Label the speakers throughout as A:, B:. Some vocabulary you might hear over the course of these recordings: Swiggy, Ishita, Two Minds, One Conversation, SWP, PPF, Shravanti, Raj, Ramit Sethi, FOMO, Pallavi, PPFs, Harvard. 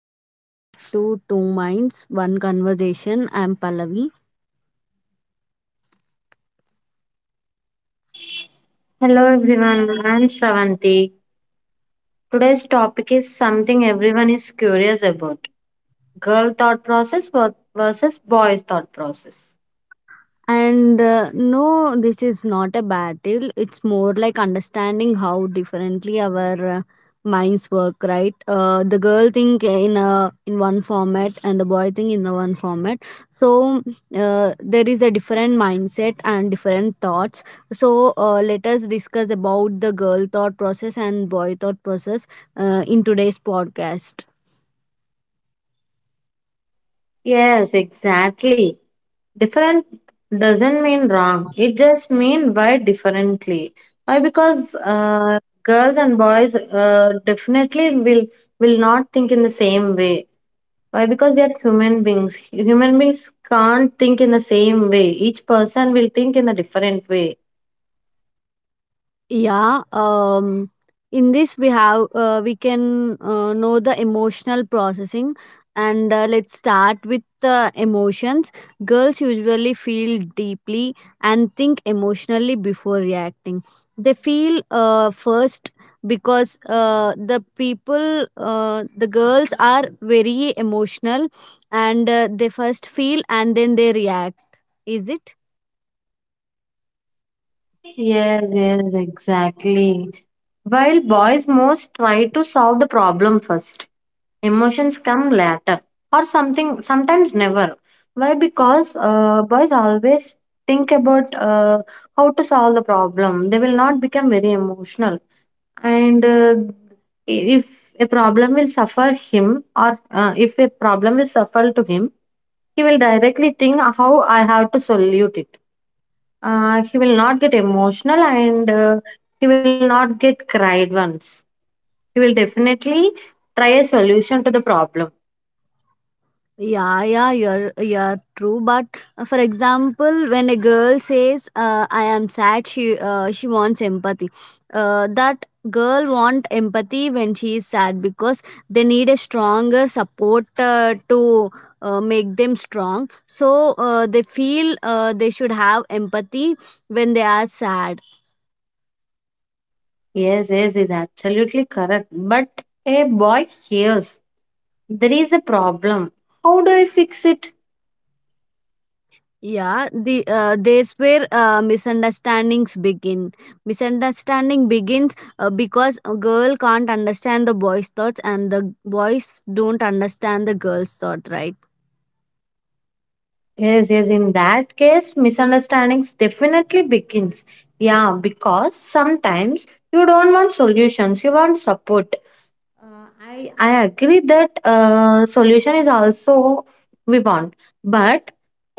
A: welcome back to Two Minds, One Conversation. I'm Pallavi.
B: Hello everyone, I'm Shravanti. Today's topic is something everyone is curious about: girl thought process versus boy's thought process.
A: And no, this is not a battle. It's more like understanding how differently our minds work, right? The girl think in a in one format and the boy think in a one format. So there is a different mindset and different thoughts. So let us discuss about the girl thought process and boy thought process in today's podcast.
B: Yes, exactly. Different doesn't mean wrong, it just means why differently. Why? Because girls and boys definitely will not think in the same way. Why? Because we are human beings. Human beings can't think in the same way. Each person will think in a different way.
A: Yeah, in this we can know the emotional processing, and let's start with the emotions. Girls usually feel deeply and think emotionally before reacting. They feel first, because the girls are very emotional, and they first feel and then they react. Is it?
B: Yes, yes, exactly. While boys most try to solve the problem first, emotions come later or something, sometimes never. Why? Because boys always think about how to solve the problem. They will not become very emotional. And if a problem will suffer him, or if a problem will suffer to him, he will directly think how I have to solve it. He will not get emotional, and he will not get cried once. He will definitely try a solution to the problem.
A: Yeah, yeah, you're true. But for example, when a girl says, "I am sad," she wants empathy. That girl want empathy when she is sad because they need a stronger support to make them strong. So they feel they should have empathy when they are sad.
B: Yes, yes, is absolutely correct. But a boy hears there is a problem. How do I fix it?
A: Yeah, there's where misunderstandings begin. Misunderstanding begins because a girl can't understand the boy's thoughts, and the boys don't understand the girl's thought, right?
B: Yes, yes, in that case, misunderstandings definitely begins. Yeah, because sometimes you don't want solutions, you want support. Uh, I agree that solution is also we want, but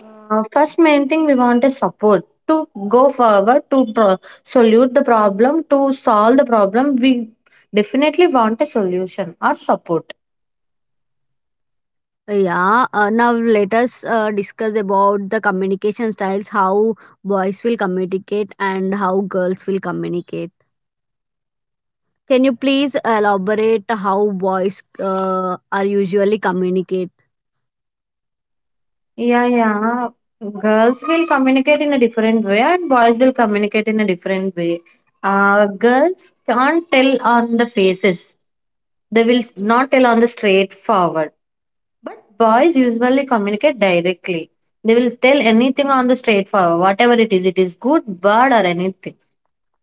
B: first main thing we want is support to go forward to solve the problem. We definitely want a solution or support.
A: Yeah. Now let us discuss about the communication styles, how boys will communicate and how girls will communicate. Can you please elaborate how boys are usually communicate?
B: Yeah, yeah. Girls will communicate in a different way, and boys will communicate in a different way. Girls can't tell on the faces. They will not tell on the straightforward. But boys usually communicate directly. They will tell anything on the straightforward, whatever it is. It is good, bad, or anything.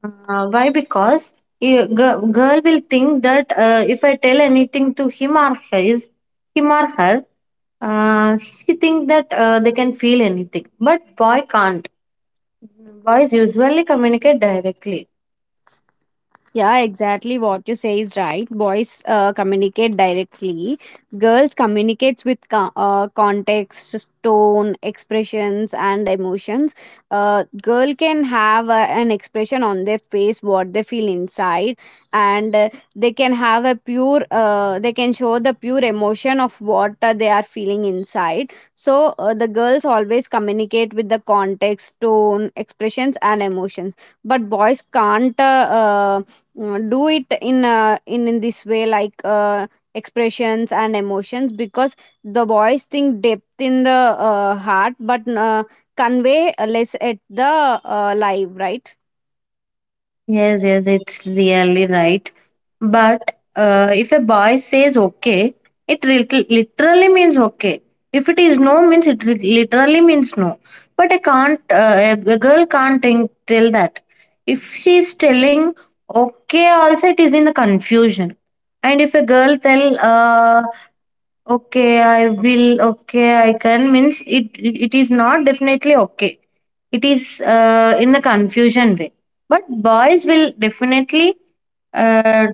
B: Why? Because you, girl will think that if I tell anything to him or her, she think that they can feel anything. But boy can't. Boys usually communicate directly.
A: Yeah, exactly what you say is right. Boys communicate directly. Girls communicates with context, tone, expressions, and emotions. Girl can have an expression on their face, what they feel inside, and they can have a pure. They can show the pure emotion of what they are feeling inside. So the girls always communicate with the context, tone, expressions, and emotions. But boys can't. Do it in in this way like expressions and emotions because the boys think depth in the heart but convey less at the live, right?
B: Yes, yes, it's really right. But if a boy says okay, it literally means okay. If it is no, means it literally means no. But I can't. A girl can't think, tell that. If she is telling okay, also it is in the confusion. And if a girl tell okay, I will. Okay, I can. Means it is not definitely okay. It is in the confusion way. But uh,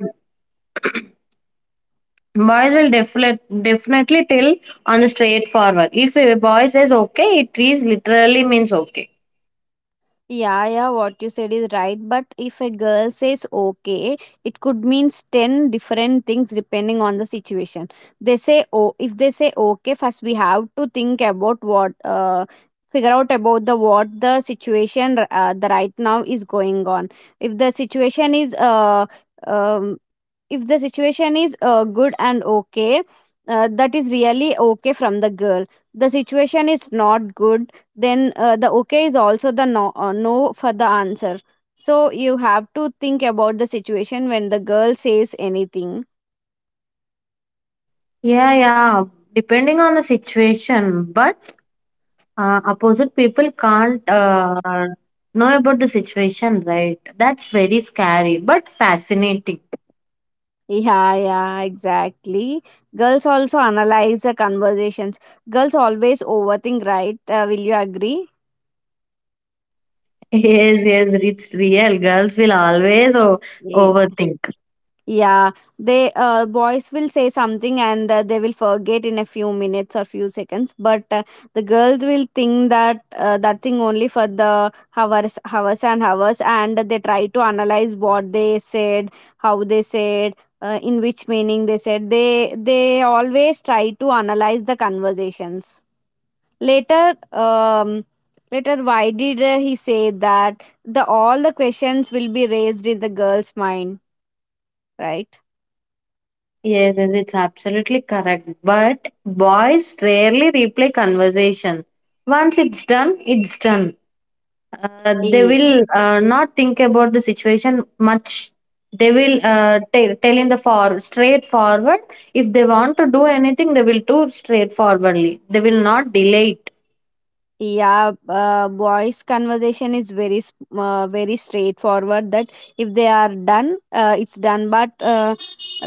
B: boys will definitely definitely tell on the straightforward. If a boy says okay, it is literally means okay.
A: Yeah, yeah, what you said is right. But if a girl says okay, it could means 10 different things depending on the situation. They say, oh, if they say okay, first we have to think about figure out about the what the situation the right now is going on. If the situation is, uh, um, if the situation is good and okay, that is really okay from the girl. The situation is not good, then the okay is also the no, no for the answer. So you have to think about the situation when the girl says anything.
B: Yeah, yeah. Depending on the situation, but opposite people can't know about the situation, right? That's very scary but fascinating.
A: Yeah, yeah, exactly. Girls also analyze the conversations. Girls always overthink, right? Will you agree?
B: Yes, yes, it's real. Girls will always o-
A: Yeah.
B: overthink.
A: Yeah, they boys will say something and they will forget in a few minutes or few seconds, but the girls will think that thing only for the hours, hours and hours, and they try to analyze what they said, how they said, in which meaning they said. They always try to analyze the conversations. Later, um, later, why did he say that? The all the questions will be raised in the girl's mind, right?
B: Yes, yes, it's absolutely correct. But boys rarely replay conversation. Once it's done, it's done. They will not think about the situation much. They will tell in the for straightforward. If they want to do anything, they will do straightforwardly. They will not delay it.
A: Yeah, boys' conversation is very straightforward. That if they are done, it's done. But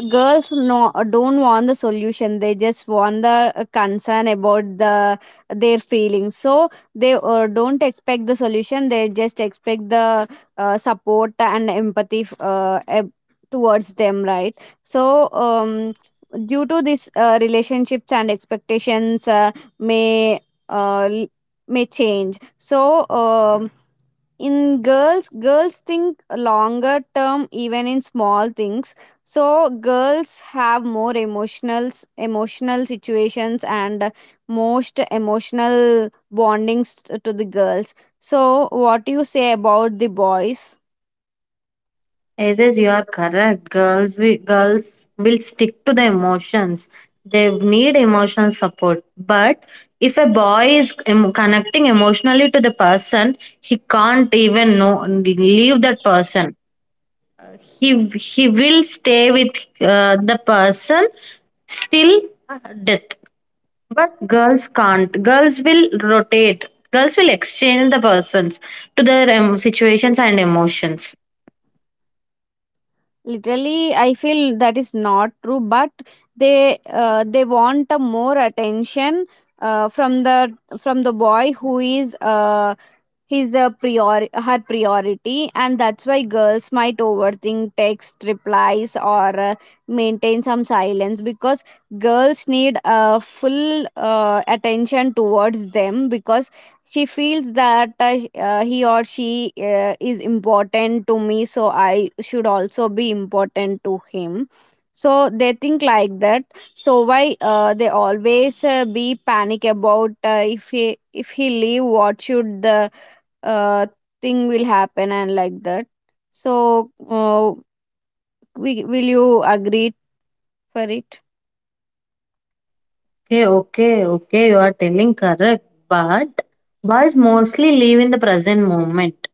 A: girls no don't want the solution. They just want the concern about their feelings. So they don't expect the solution. They just expect the support and empathy towards them. Right. So due to this, relationships and expectations may. Uh, may change. So in girls think longer term even in small things, so girls have more emotional situations and most emotional bondings to the girls. So what do you say about the boys?
B: Yes, yes, you are correct. Girls will stick to the emotions. They need emotional support. But if a boy is connecting emotionally to the person, he can't even know leave that person. He he will stay with the person still death. But girls can't. Girls will rotate. Girls will exchange the persons to their situations and emotions.
A: Literally, I feel that is not true. But they want a more attention from the boy who is her priority. And that's why girls might overthink text replies or maintain some silence because girls need full attention towards them because she feels that he or she is important to me, so I should also be important to him. So they think like that. So why they always be panic about if he leave, what should the uh, thing will happen, and like that. So will you agree for it?
B: Okay, okay, okay, you are telling correct. But boys mostly live in the present moment.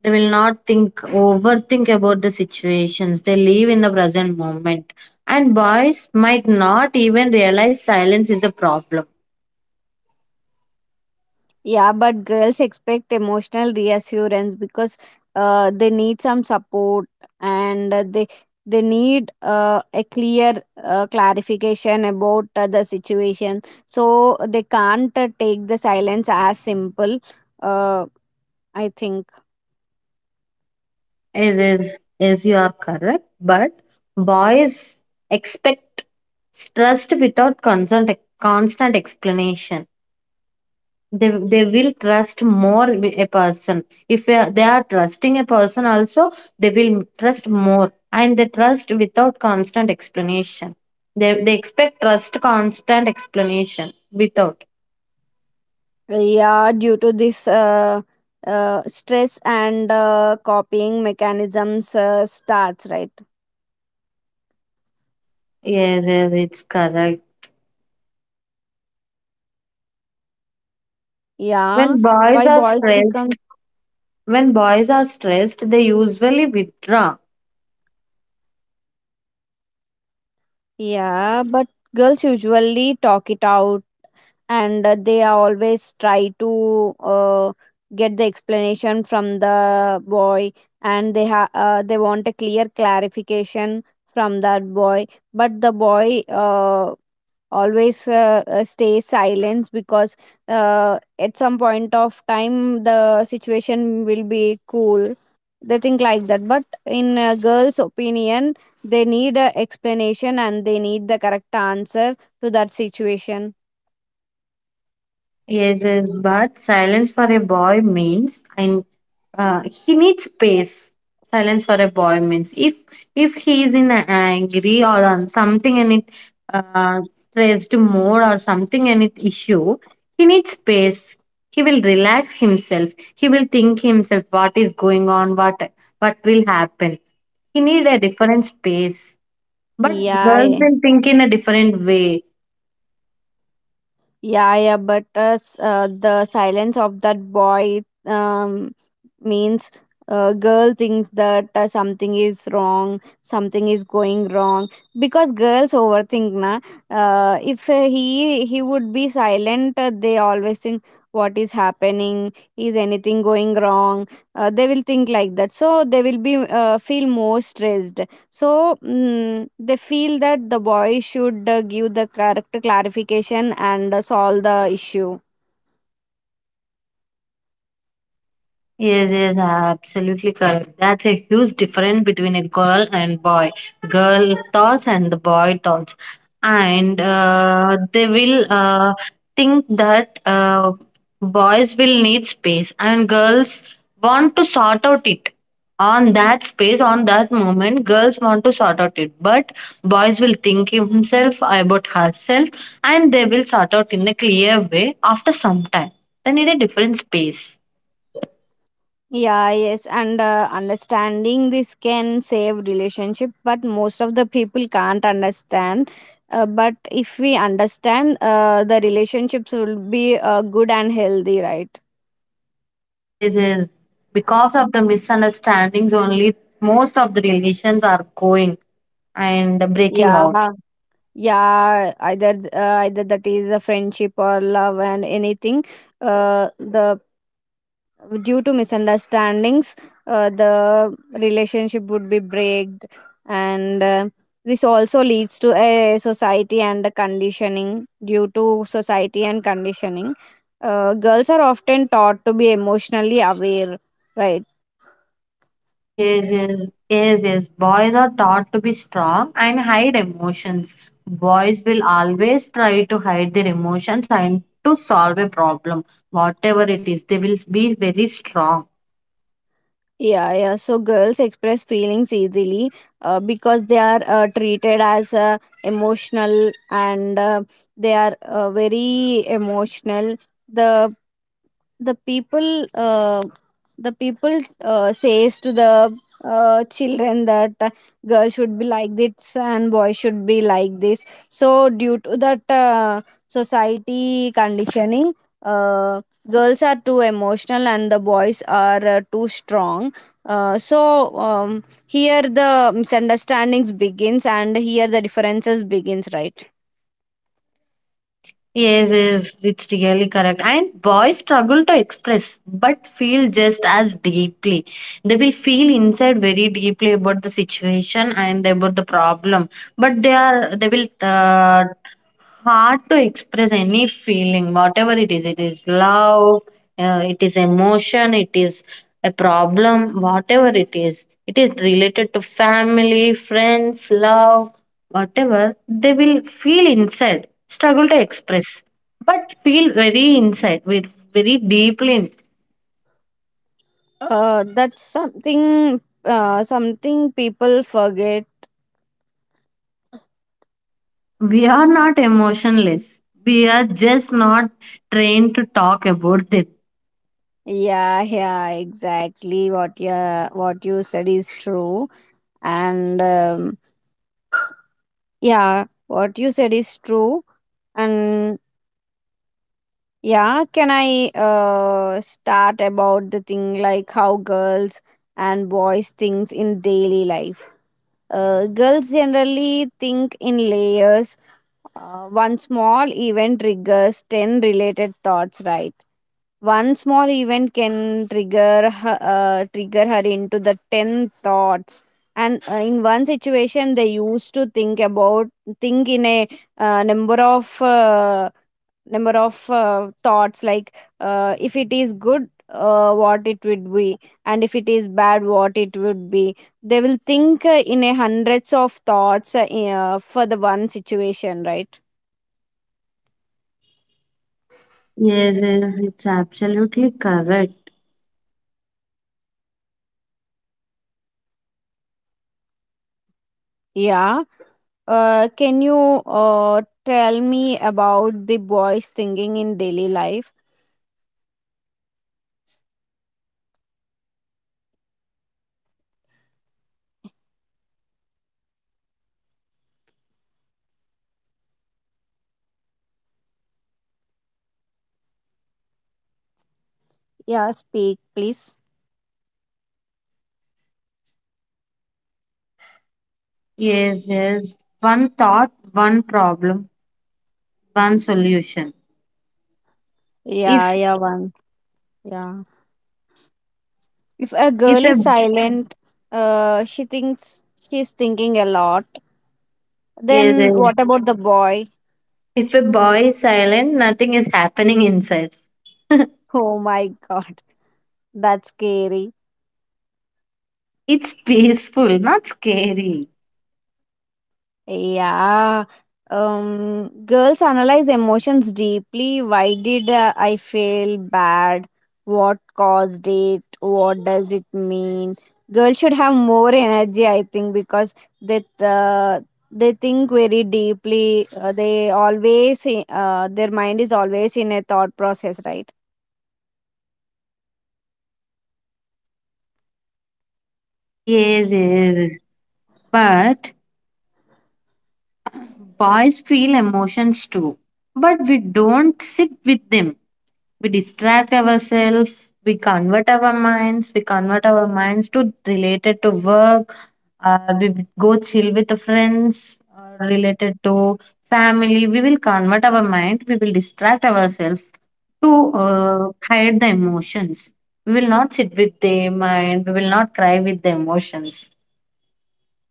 B: They will not think, overthink about the situations. They live in the present moment. And boys might not even realize silence is a problem.
A: Yeah, but girls expect emotional reassurance because they need some support, and they need a clear clarification about the situation, so they can't take the silence as simple, uh, I think.
B: It is. You are correct. But boys expect trust without constant explanation. They will trust more a person. If they are trusting a person also, they will trust more, and they trust without constant explanation. They expect trust constant explanation without.
A: Yeah, due to this, stress and copying mechanisms starts, right?
B: Yes yes it's correct.
A: Yeah.
B: when boys
A: Why
B: are
A: boys become?
B: stressed when boys are stressed they usually withdraw.
A: Yeah, but girls usually talk it out, and they are always try to get the explanation from the boy, and they want a clear clarification from that boy. But the boy always stay silent because at some point of time the situation will be cool. They think like that, but in a girl's opinion they need a explanation and they need the correct answer to that situation.
B: Yes, yes, but silence for a boy means, and he needs space. Silence for a boy means if he is in a angry or on something, and it stressed more or something and it issue, he needs space. He will relax himself. He will think himself what is going on, what will happen. He need a different space. But girls
A: Yeah.
B: will think in a different way.
A: Yeah, yeah, but the silence of that boy means girl thinks that something is wrong, something is going wrong because girls overthink, na. If he would be silent, they always think what is happening, is anything going wrong? They will think like that, so they will be feel more stressed. So they feel that the boy should give the correct clarification and solve the issue.
B: Yes, yes, absolutely correct. That's a huge difference between a girl and boy. Girl thoughts and the boy thoughts. And they will think that boys will need space, and girls want to sort out it. On that space, on that moment, girls want to sort out it. But boys will think himself about herself, and they will sort out in a clear way after some time. They need a different space.
A: Yeah, yes, and understanding this can save relationship, but most of the people can't understand. But if we understand, the relationships will be good and healthy, right?
B: Yes, yes. Because of the misunderstandings only, most of the relations are going and breaking
A: Yeah.
B: out.
A: Yeah, either that is a friendship or love and anything, the due to misunderstandings, the relationship would be breaked. And this also leads to a society and the conditioning. Due to society and conditioning, girls are often taught to be emotionally aware, right?
B: Yes, yes, yes, yes. Boys are taught to be strong and hide emotions. Boys will always try to hide their emotions and to solve a problem, whatever it is. They will be very strong.
A: Yeah, yeah. So girls express feelings easily because they are treated as emotional, and they are very emotional. The the people, says to the children that girl should be like this and boy should be like this. So due to that, society conditioning, uh, girls are too emotional and the boys are too strong. So here the misunderstandings begins and here the differences begins, right?
B: Yes, yes, it's really correct. And boys struggle to express, but feel just as deeply. They will feel inside very deeply about the situation and about the problem, but they will hard to express any feeling, whatever it is. It is love, it is emotion, it is a problem, whatever it is. It is related to family, friends, love, whatever. They will feel inside, struggle to express, but feel very inside, very deeply.
A: That's something, people forget.
B: We are not emotionless. We are just not trained to talk about them.
A: Yeah, yeah, exactly what you said is true. And yeah, what you said is true. And yeah, can I start about the thing like how girls and boys thinks in daily life? Girls generally think in layers. One small event triggers 10 related thoughts, right? One small event can trigger her into the 10 thoughts. And in one situation, they used to think in a uh, number of uh, number of thoughts, like if it is good, what it would be, and if it is bad, what it would be. They will think in a hundreds of thoughts for the one situation, right?
B: Yes, yes, it's absolutely correct.
A: Yeah. Can you tell me about the boys singing in daily life? Yeah, speak, please.
B: Yes, yes. One thought, one problem, one solution. If
A: Yeah, yeah, one. Yeah. If a
B: if
A: girl
B: a
A: is silent, she's thinking a lot.
B: Yes, yes.
A: Then what about the boy?
B: If a boy is silent, nothing is happening inside.
A: Oh my God, that's scary.
B: It's peaceful, not scary.
A: Yeah. Girls analyze emotions deeply. Why did I feel bad? What caused it? What does it mean? Girls should have more energy, I think, because they uh, they think very deeply. They always their mind is always in a thought process, right?
B: Yes, yes. But boys feel emotions too. But we don't sit with them. We distract ourselves. We convert our minds to related to work, or we go chill with the friends, or related to family. We will convert our mind. We will distract ourselves to uh, hide the emotions. We will not sit with the mind. We will not cry with the emotions.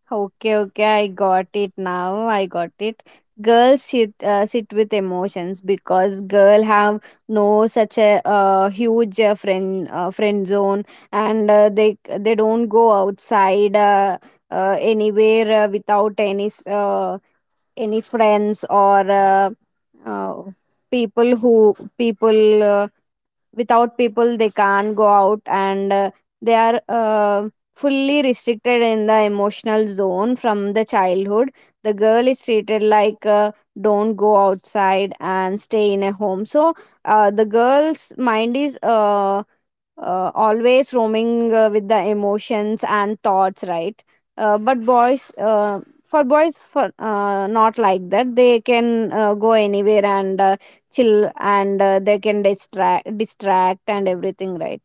A: Okay, okay, I got it now. I got it. Girls sit with emotions because girl have no such a huge friend zone, and they don't go outside anywhere without any friends or uh, people who people. Uh, Without people they can't go out, and they are fully restricted in the emotional zone. From the childhood the girl is treated like, don't go outside and stay in a home. So the girl's mind is always roaming with the emotions and thoughts, right? But boys, for boys for not like that. They can go anywhere and chill, and they can distract and everything, right?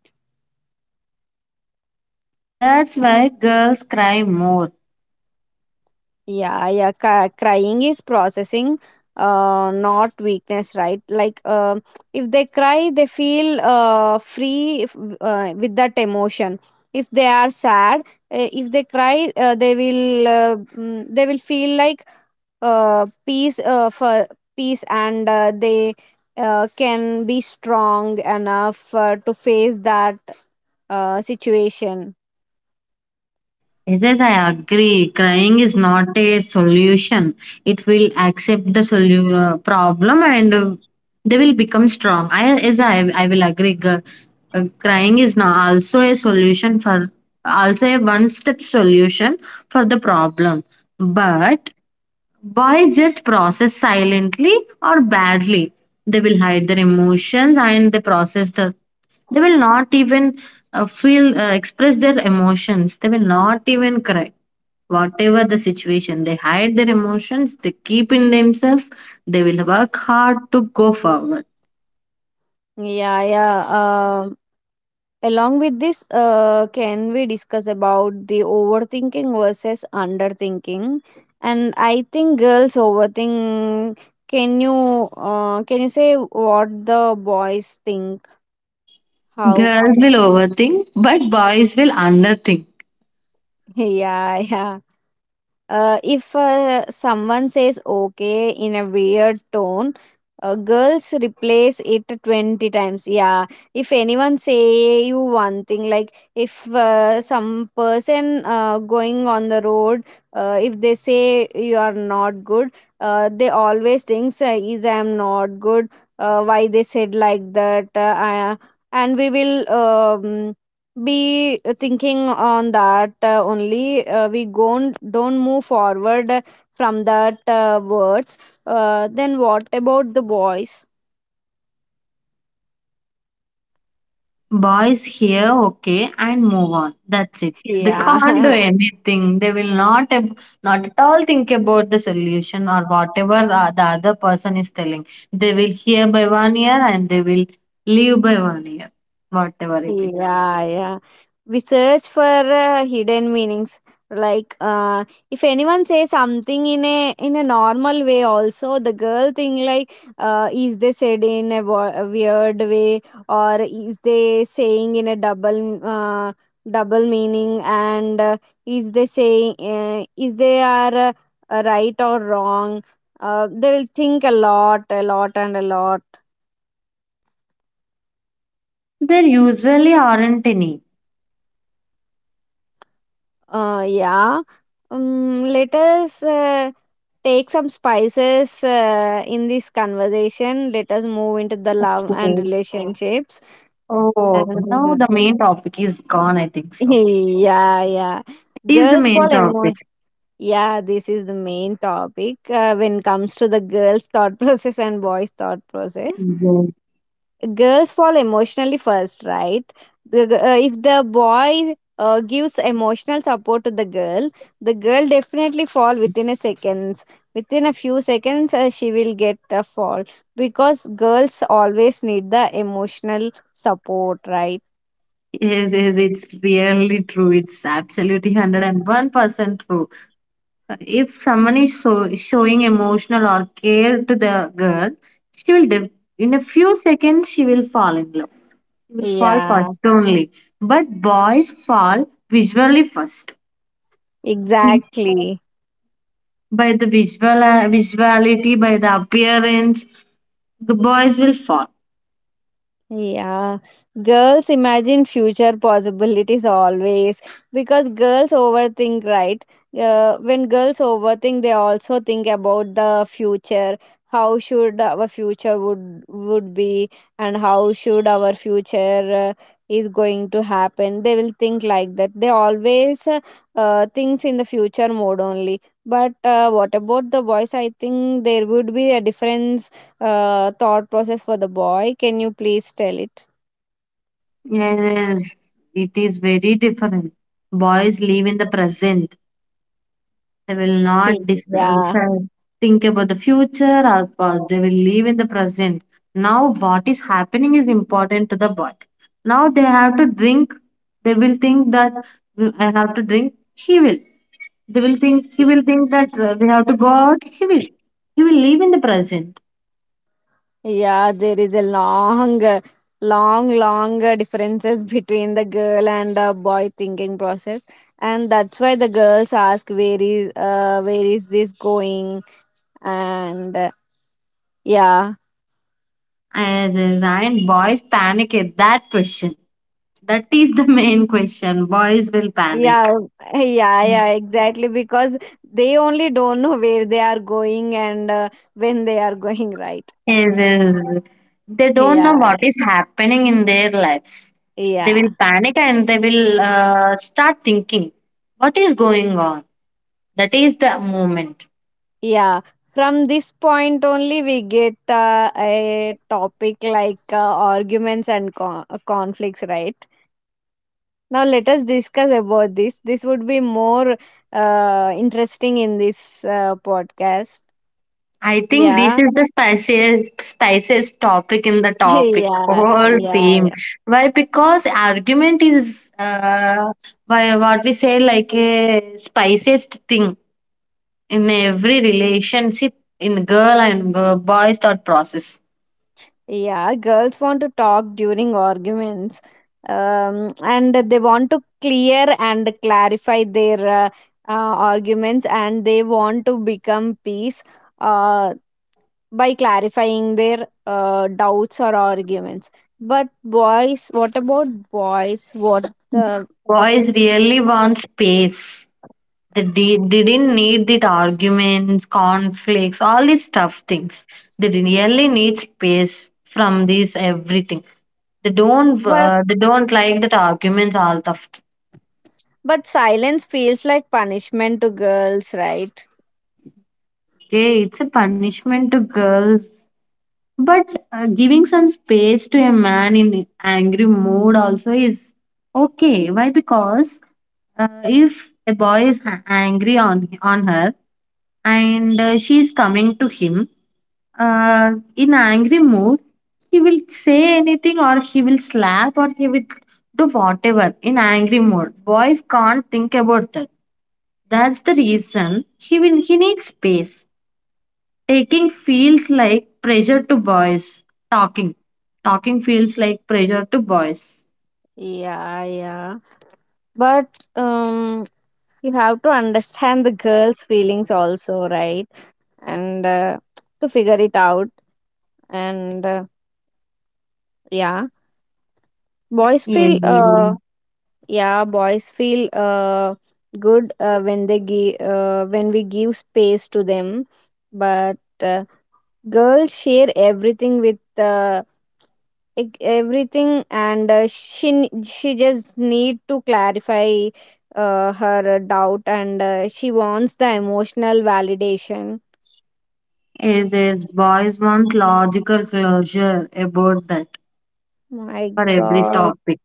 B: That's why girls cry more.
A: Yeah, yeah. Crying is processing, not weakness, right? If they cry they feel free. If, With that emotion, if they are sad, if they cry, they will, they will feel like peace. For Peace, and they can be strong enough to face that situation.
B: Yes, yes, I agree. Crying is not a solution. It will accept the problem, and they will become strong. Yes, I will agree. Crying is not also a solution for, also a one step solution for the problem. But boys just process silently or badly. They will hide their emotions, and they process the. They will not even feel express their emotions. They will not even cry. Whatever the situation, they hide their emotions. They keep in themselves. They will work hard to go forward.
A: Yeah, yeah. Along with this, can we discuss about the overthinking versus underthinking? And I think girls overthink. Can you say what the boys think? How?
B: Girls will overthink, but boys will underthink.
A: Yeah, yeah. If someone says okay in a weird tone, girls replace it 20 times. Yeah. If anyone say you one thing, like if some person going on the road, if they say you are not good, they always thinks, is I am not good. Why they said like that? And we will. Be thinking on that, only we gon don't move forward from that words. Then what about the boys?
B: Boys hear okay and move on. That's it. They can't do
A: Yeah.
B: anything. They will not not at all think about the solution or whatever the other person is telling. They will hear by one ear, and they will leave by one ear, whatever it is.
A: Yeah, yeah. We search for hidden meanings. Like, uh, if anyone says something in a normal way, also the girl think like, is they said in a, a weird way, or is they saying in a double meaning, and is they saying, is they are right or wrong? They will think a lot, and a lot.
B: There usually aren't any.
A: Yeah. Let us take some spices in this conversation. Let us move into the love
B: Okay.
A: and relationships.
B: Oh, now the
A: And
B: main topic is gone, I think so.
A: yeah, yeah.
B: Is the
A: Girls
B: main
A: fall
B: topic.
A: emotion. Yeah, this is the main topic when it comes to the girls' thought process and boys' thought process.
B: Yes,
A: Girls fall emotionally first, right? If the boy gives emotional support to the girl, the girl definitely fall within a seconds, within a few seconds she will get a fall, because girls always need the emotional support, right?
B: yes, yes, it's really true. It's absolutely 101% true. If someone is so, showing emotional or care to the girl, she will in a few seconds she will fall in love. She will fall
A: Yeah,
B: first only. But boys fall visually first.
A: exactly.
B: By the visuality, by the appearance, the boys will fall.
A: Yeah, girls imagine future possibilities always, because girls overthink, right? When girls overthink, they also think about the future. How should our future would be, and how should our future is going to happen? They will think like that. They always thinks in the future mode only. But what about the boys? I think there would be a difference thought process for the boy. Can you please tell it?
B: Yes, it is very different. Boys live in the present. They will
A: Okay.
B: not
A: Yeah.
B: think about the future or past. They will live in the present. Now, what is happening is important to the body. Now, they have to drink. They will think that, I have to drink." He will. He will think that we have to go out. He will. He will live in the present.
A: Yeah, there is a long, long, long differences between the girl and boy thinking process, and that's why the girls ask where is, where is this going, and yeah,
B: As is, and boys panic at that question. That is the main question. Boys will panic.
A: yeah, yeah, yeah, exactly, because they only don't know where they are going and when they are going, right?
B: Is They don't know
A: Yeah,
B: what is happening in their lives. They
A: yeah.
B: will panic, and they will start thinking what is going on. That is the moment.
A: Yeah, from this point only we get a topic like arguments and conflicts, right? Now let us discuss about this. This would be more interesting in this podcast.
B: I think this
A: Yeah.
B: is the spiciest topic in the topic
A: Yeah,
B: whole
A: yeah,
B: theme.
A: yeah.
B: Why? Because argument is why what we say like a spiciest thing in every relationship, in girl and girl, boys thought process.
A: Yeah, girls want to talk during arguments. And they want to clear and clarify their arguments, and they want to become peace. Uh, by clarifying their doubts or arguments. But boys, what about boys? What the,
B: Boys really want space. They didn't need the arguments, conflicts, all these tough things. They really need space from this everything. They don't
A: but
B: uh, they don't like that arguments all tough.
A: but silence feels like punishment to girls, right?
B: Okay, it's a punishment to girls, but giving some space to a man in angry mood also is okay. Why? Because if a boy is angry on her, and she is coming to him in angry mood, he will say anything, or he will slap, or he will do whatever in angry mood. Boys can't think about that. That's the reason, he needs space. Taking feels like pressure to boys. Talking talking feels like pressure to boys.
A: Yeah, yeah. But um, you have to understand the girls' feelings also, right? And to figure it out, and yeah, boys
B: Yes,
A: feel
B: yes,
A: yeah, boys feel good when they give when we give space to them. But uh, girls share everything with, everything, and she just need to clarify her doubt, and she wants the emotional validation.
B: yes, yes. Boys want logical closure about that
A: My
B: for every
A: god.
B: topic.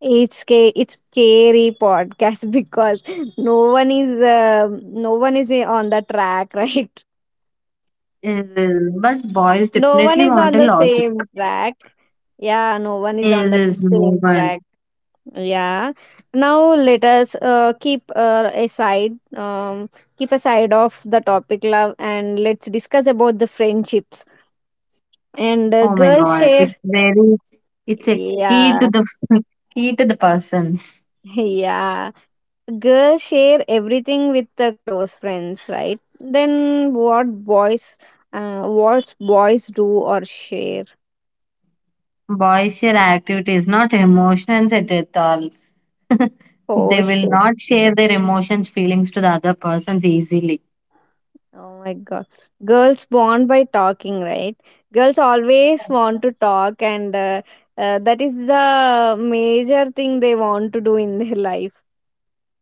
A: It's scary podcast because no one is, no one is on the track, right?
B: Yes, yes, but boys definitely want a
A: No one is
B: logic.
A: on the same track.
B: Yes,
A: Yeah,
B: yes,
A: no one is on that
B: Mohan.
A: same track. Yeah. Now let us keep aside, keep aside of the topic love, and let's discuss about the friendships. And
B: Oh my
A: girls
B: God,
A: share,
B: it's a key to
A: yeah,
B: the key to the persons.
A: yeah. Girls share everything with the close friends, right? Then what boys do or share?
B: Boys share activities, not emotions at all.
A: Oh
B: They will
A: shit.
B: not share their emotions, feelings to the other persons easily.
A: Oh my god. Girls bond by talking, right? Girls always want to talk, and that is the major thing they want to do in their life.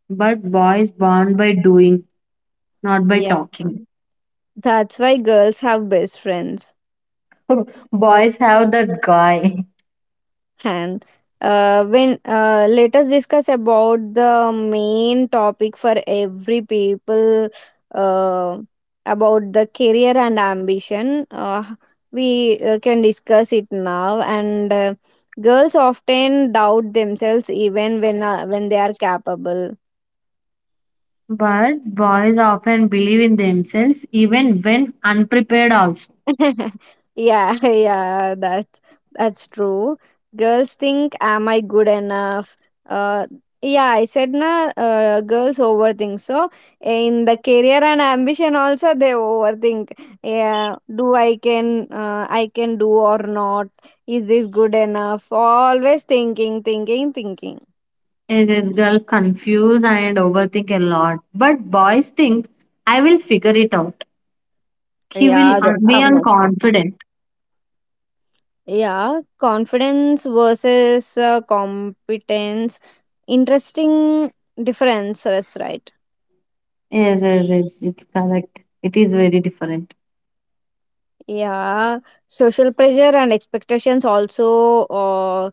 B: But boys bond by doing, not by
A: Yeah.
B: talking.
A: That's why girls have best friends.
B: Boys have that guy.
A: And when let us discuss about the main topic for every people uh, about the career and ambition. We can discuss it now. And girls often doubt themselves even when, when they are capable.
B: But boys often believe in themselves, even when unprepared also.
A: Yeah, yeah, that's true. Girls think, "Am I good enough?" Uh, yeah, I said, "Na, girls overthink." So in the career and ambition, also they overthink. Yeah, do I can, I can do or not? Is this good enough? Always thinking, thinking, thinking.
B: It is girl confuse and overthink a lot. But boys think, "I will figure it out." He will
A: Yeah, that,
B: be
A: how much?
B: unconfident.
A: Yeah, confidence versus competence. Interesting differences, right?
B: Yes, yes, yes, it's correct. It is very different.
A: Yeah, social pressure and expectations also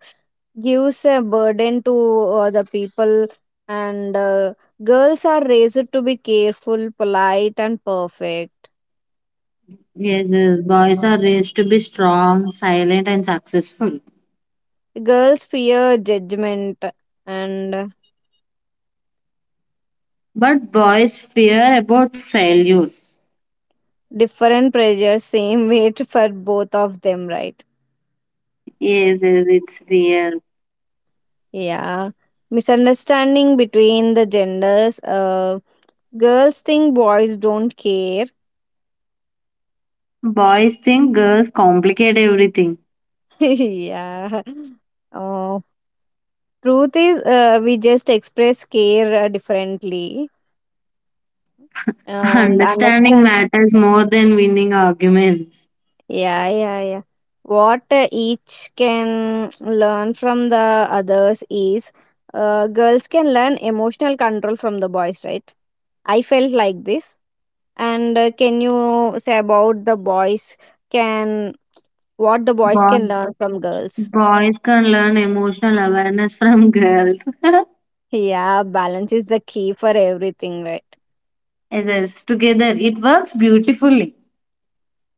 A: gives a burden to the people, and girls are raised to be careful, polite, and perfect.
B: Yes, yes, boys are raised to be strong, silent, and successful.
A: Girls fear judgment, and
B: But boys fear about failure.
A: different pressure, same weight for both of them, right?
B: Yes, yes, it's real.
A: Yeah, misunderstanding between the genders. Girls think boys don't care.
B: Boys think girls complicate everything.
A: Yeah. Oh, truth is, we just express care differently and
B: Understanding
A: understand.
B: matters more than winning arguments.
A: Yeah, yeah, yeah. What each can learn from the others is, girls can learn emotional control from the boys, right? I felt like this. And can you say about the boys? Can, what the boys can
B: Boy,
A: learn from girls.
B: Boys can learn emotional awareness from girls.
A: Yeah, balance is the key for everything, right?
B: Yes, together it works beautifully.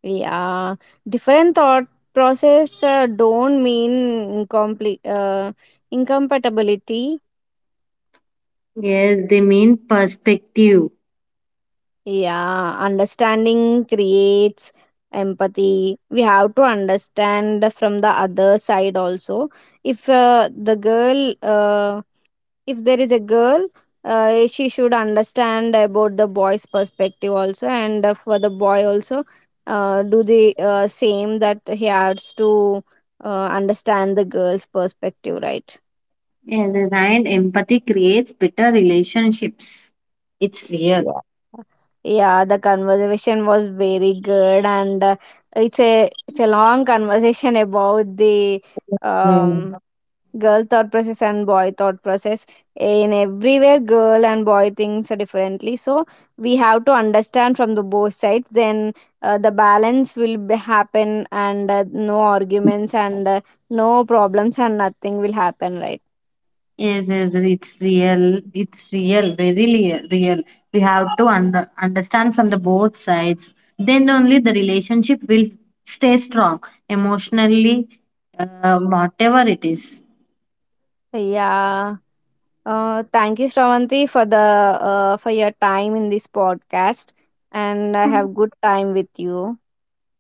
A: Yeah, different thought process don't mean incomplete incompatibility.
B: Yes, they mean perspective.
A: Yeah, understanding creates empathy. We have to understand from the other side also. If the girl, if there is a girl, she should understand about the boy's perspective also, and for the boy also do the same, that he has to understand the girl's perspective, right?
B: Yes, and empathy creates better relationships. It's real.
A: Yeah. Yeah, the conversation was very good, and it's a long conversation about the
B: Mm.
A: um girl thought process and boy thought process. In everywhere girl and boy thinks differently, so we have to understand from the both sides. Then the balance will be happen, and no arguments, and no problems, and nothing will happen, right?
B: Yes, yes, it's real. It's real, very real. We have to understand from the both sides. Then only the relationship will stay strong emotionally, whatever it is.
A: Yeah. Thank you, Shravanti, for the, for your time in this podcast, and I have good time with you.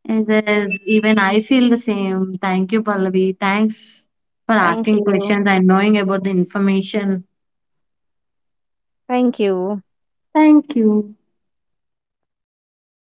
B: It is. Even I feel the same. Thank you, Pallavi. Thanks for
A: Thank
B: asking
A: you.
B: questions and knowing about the information.
A: Thank you.
B: Thank you.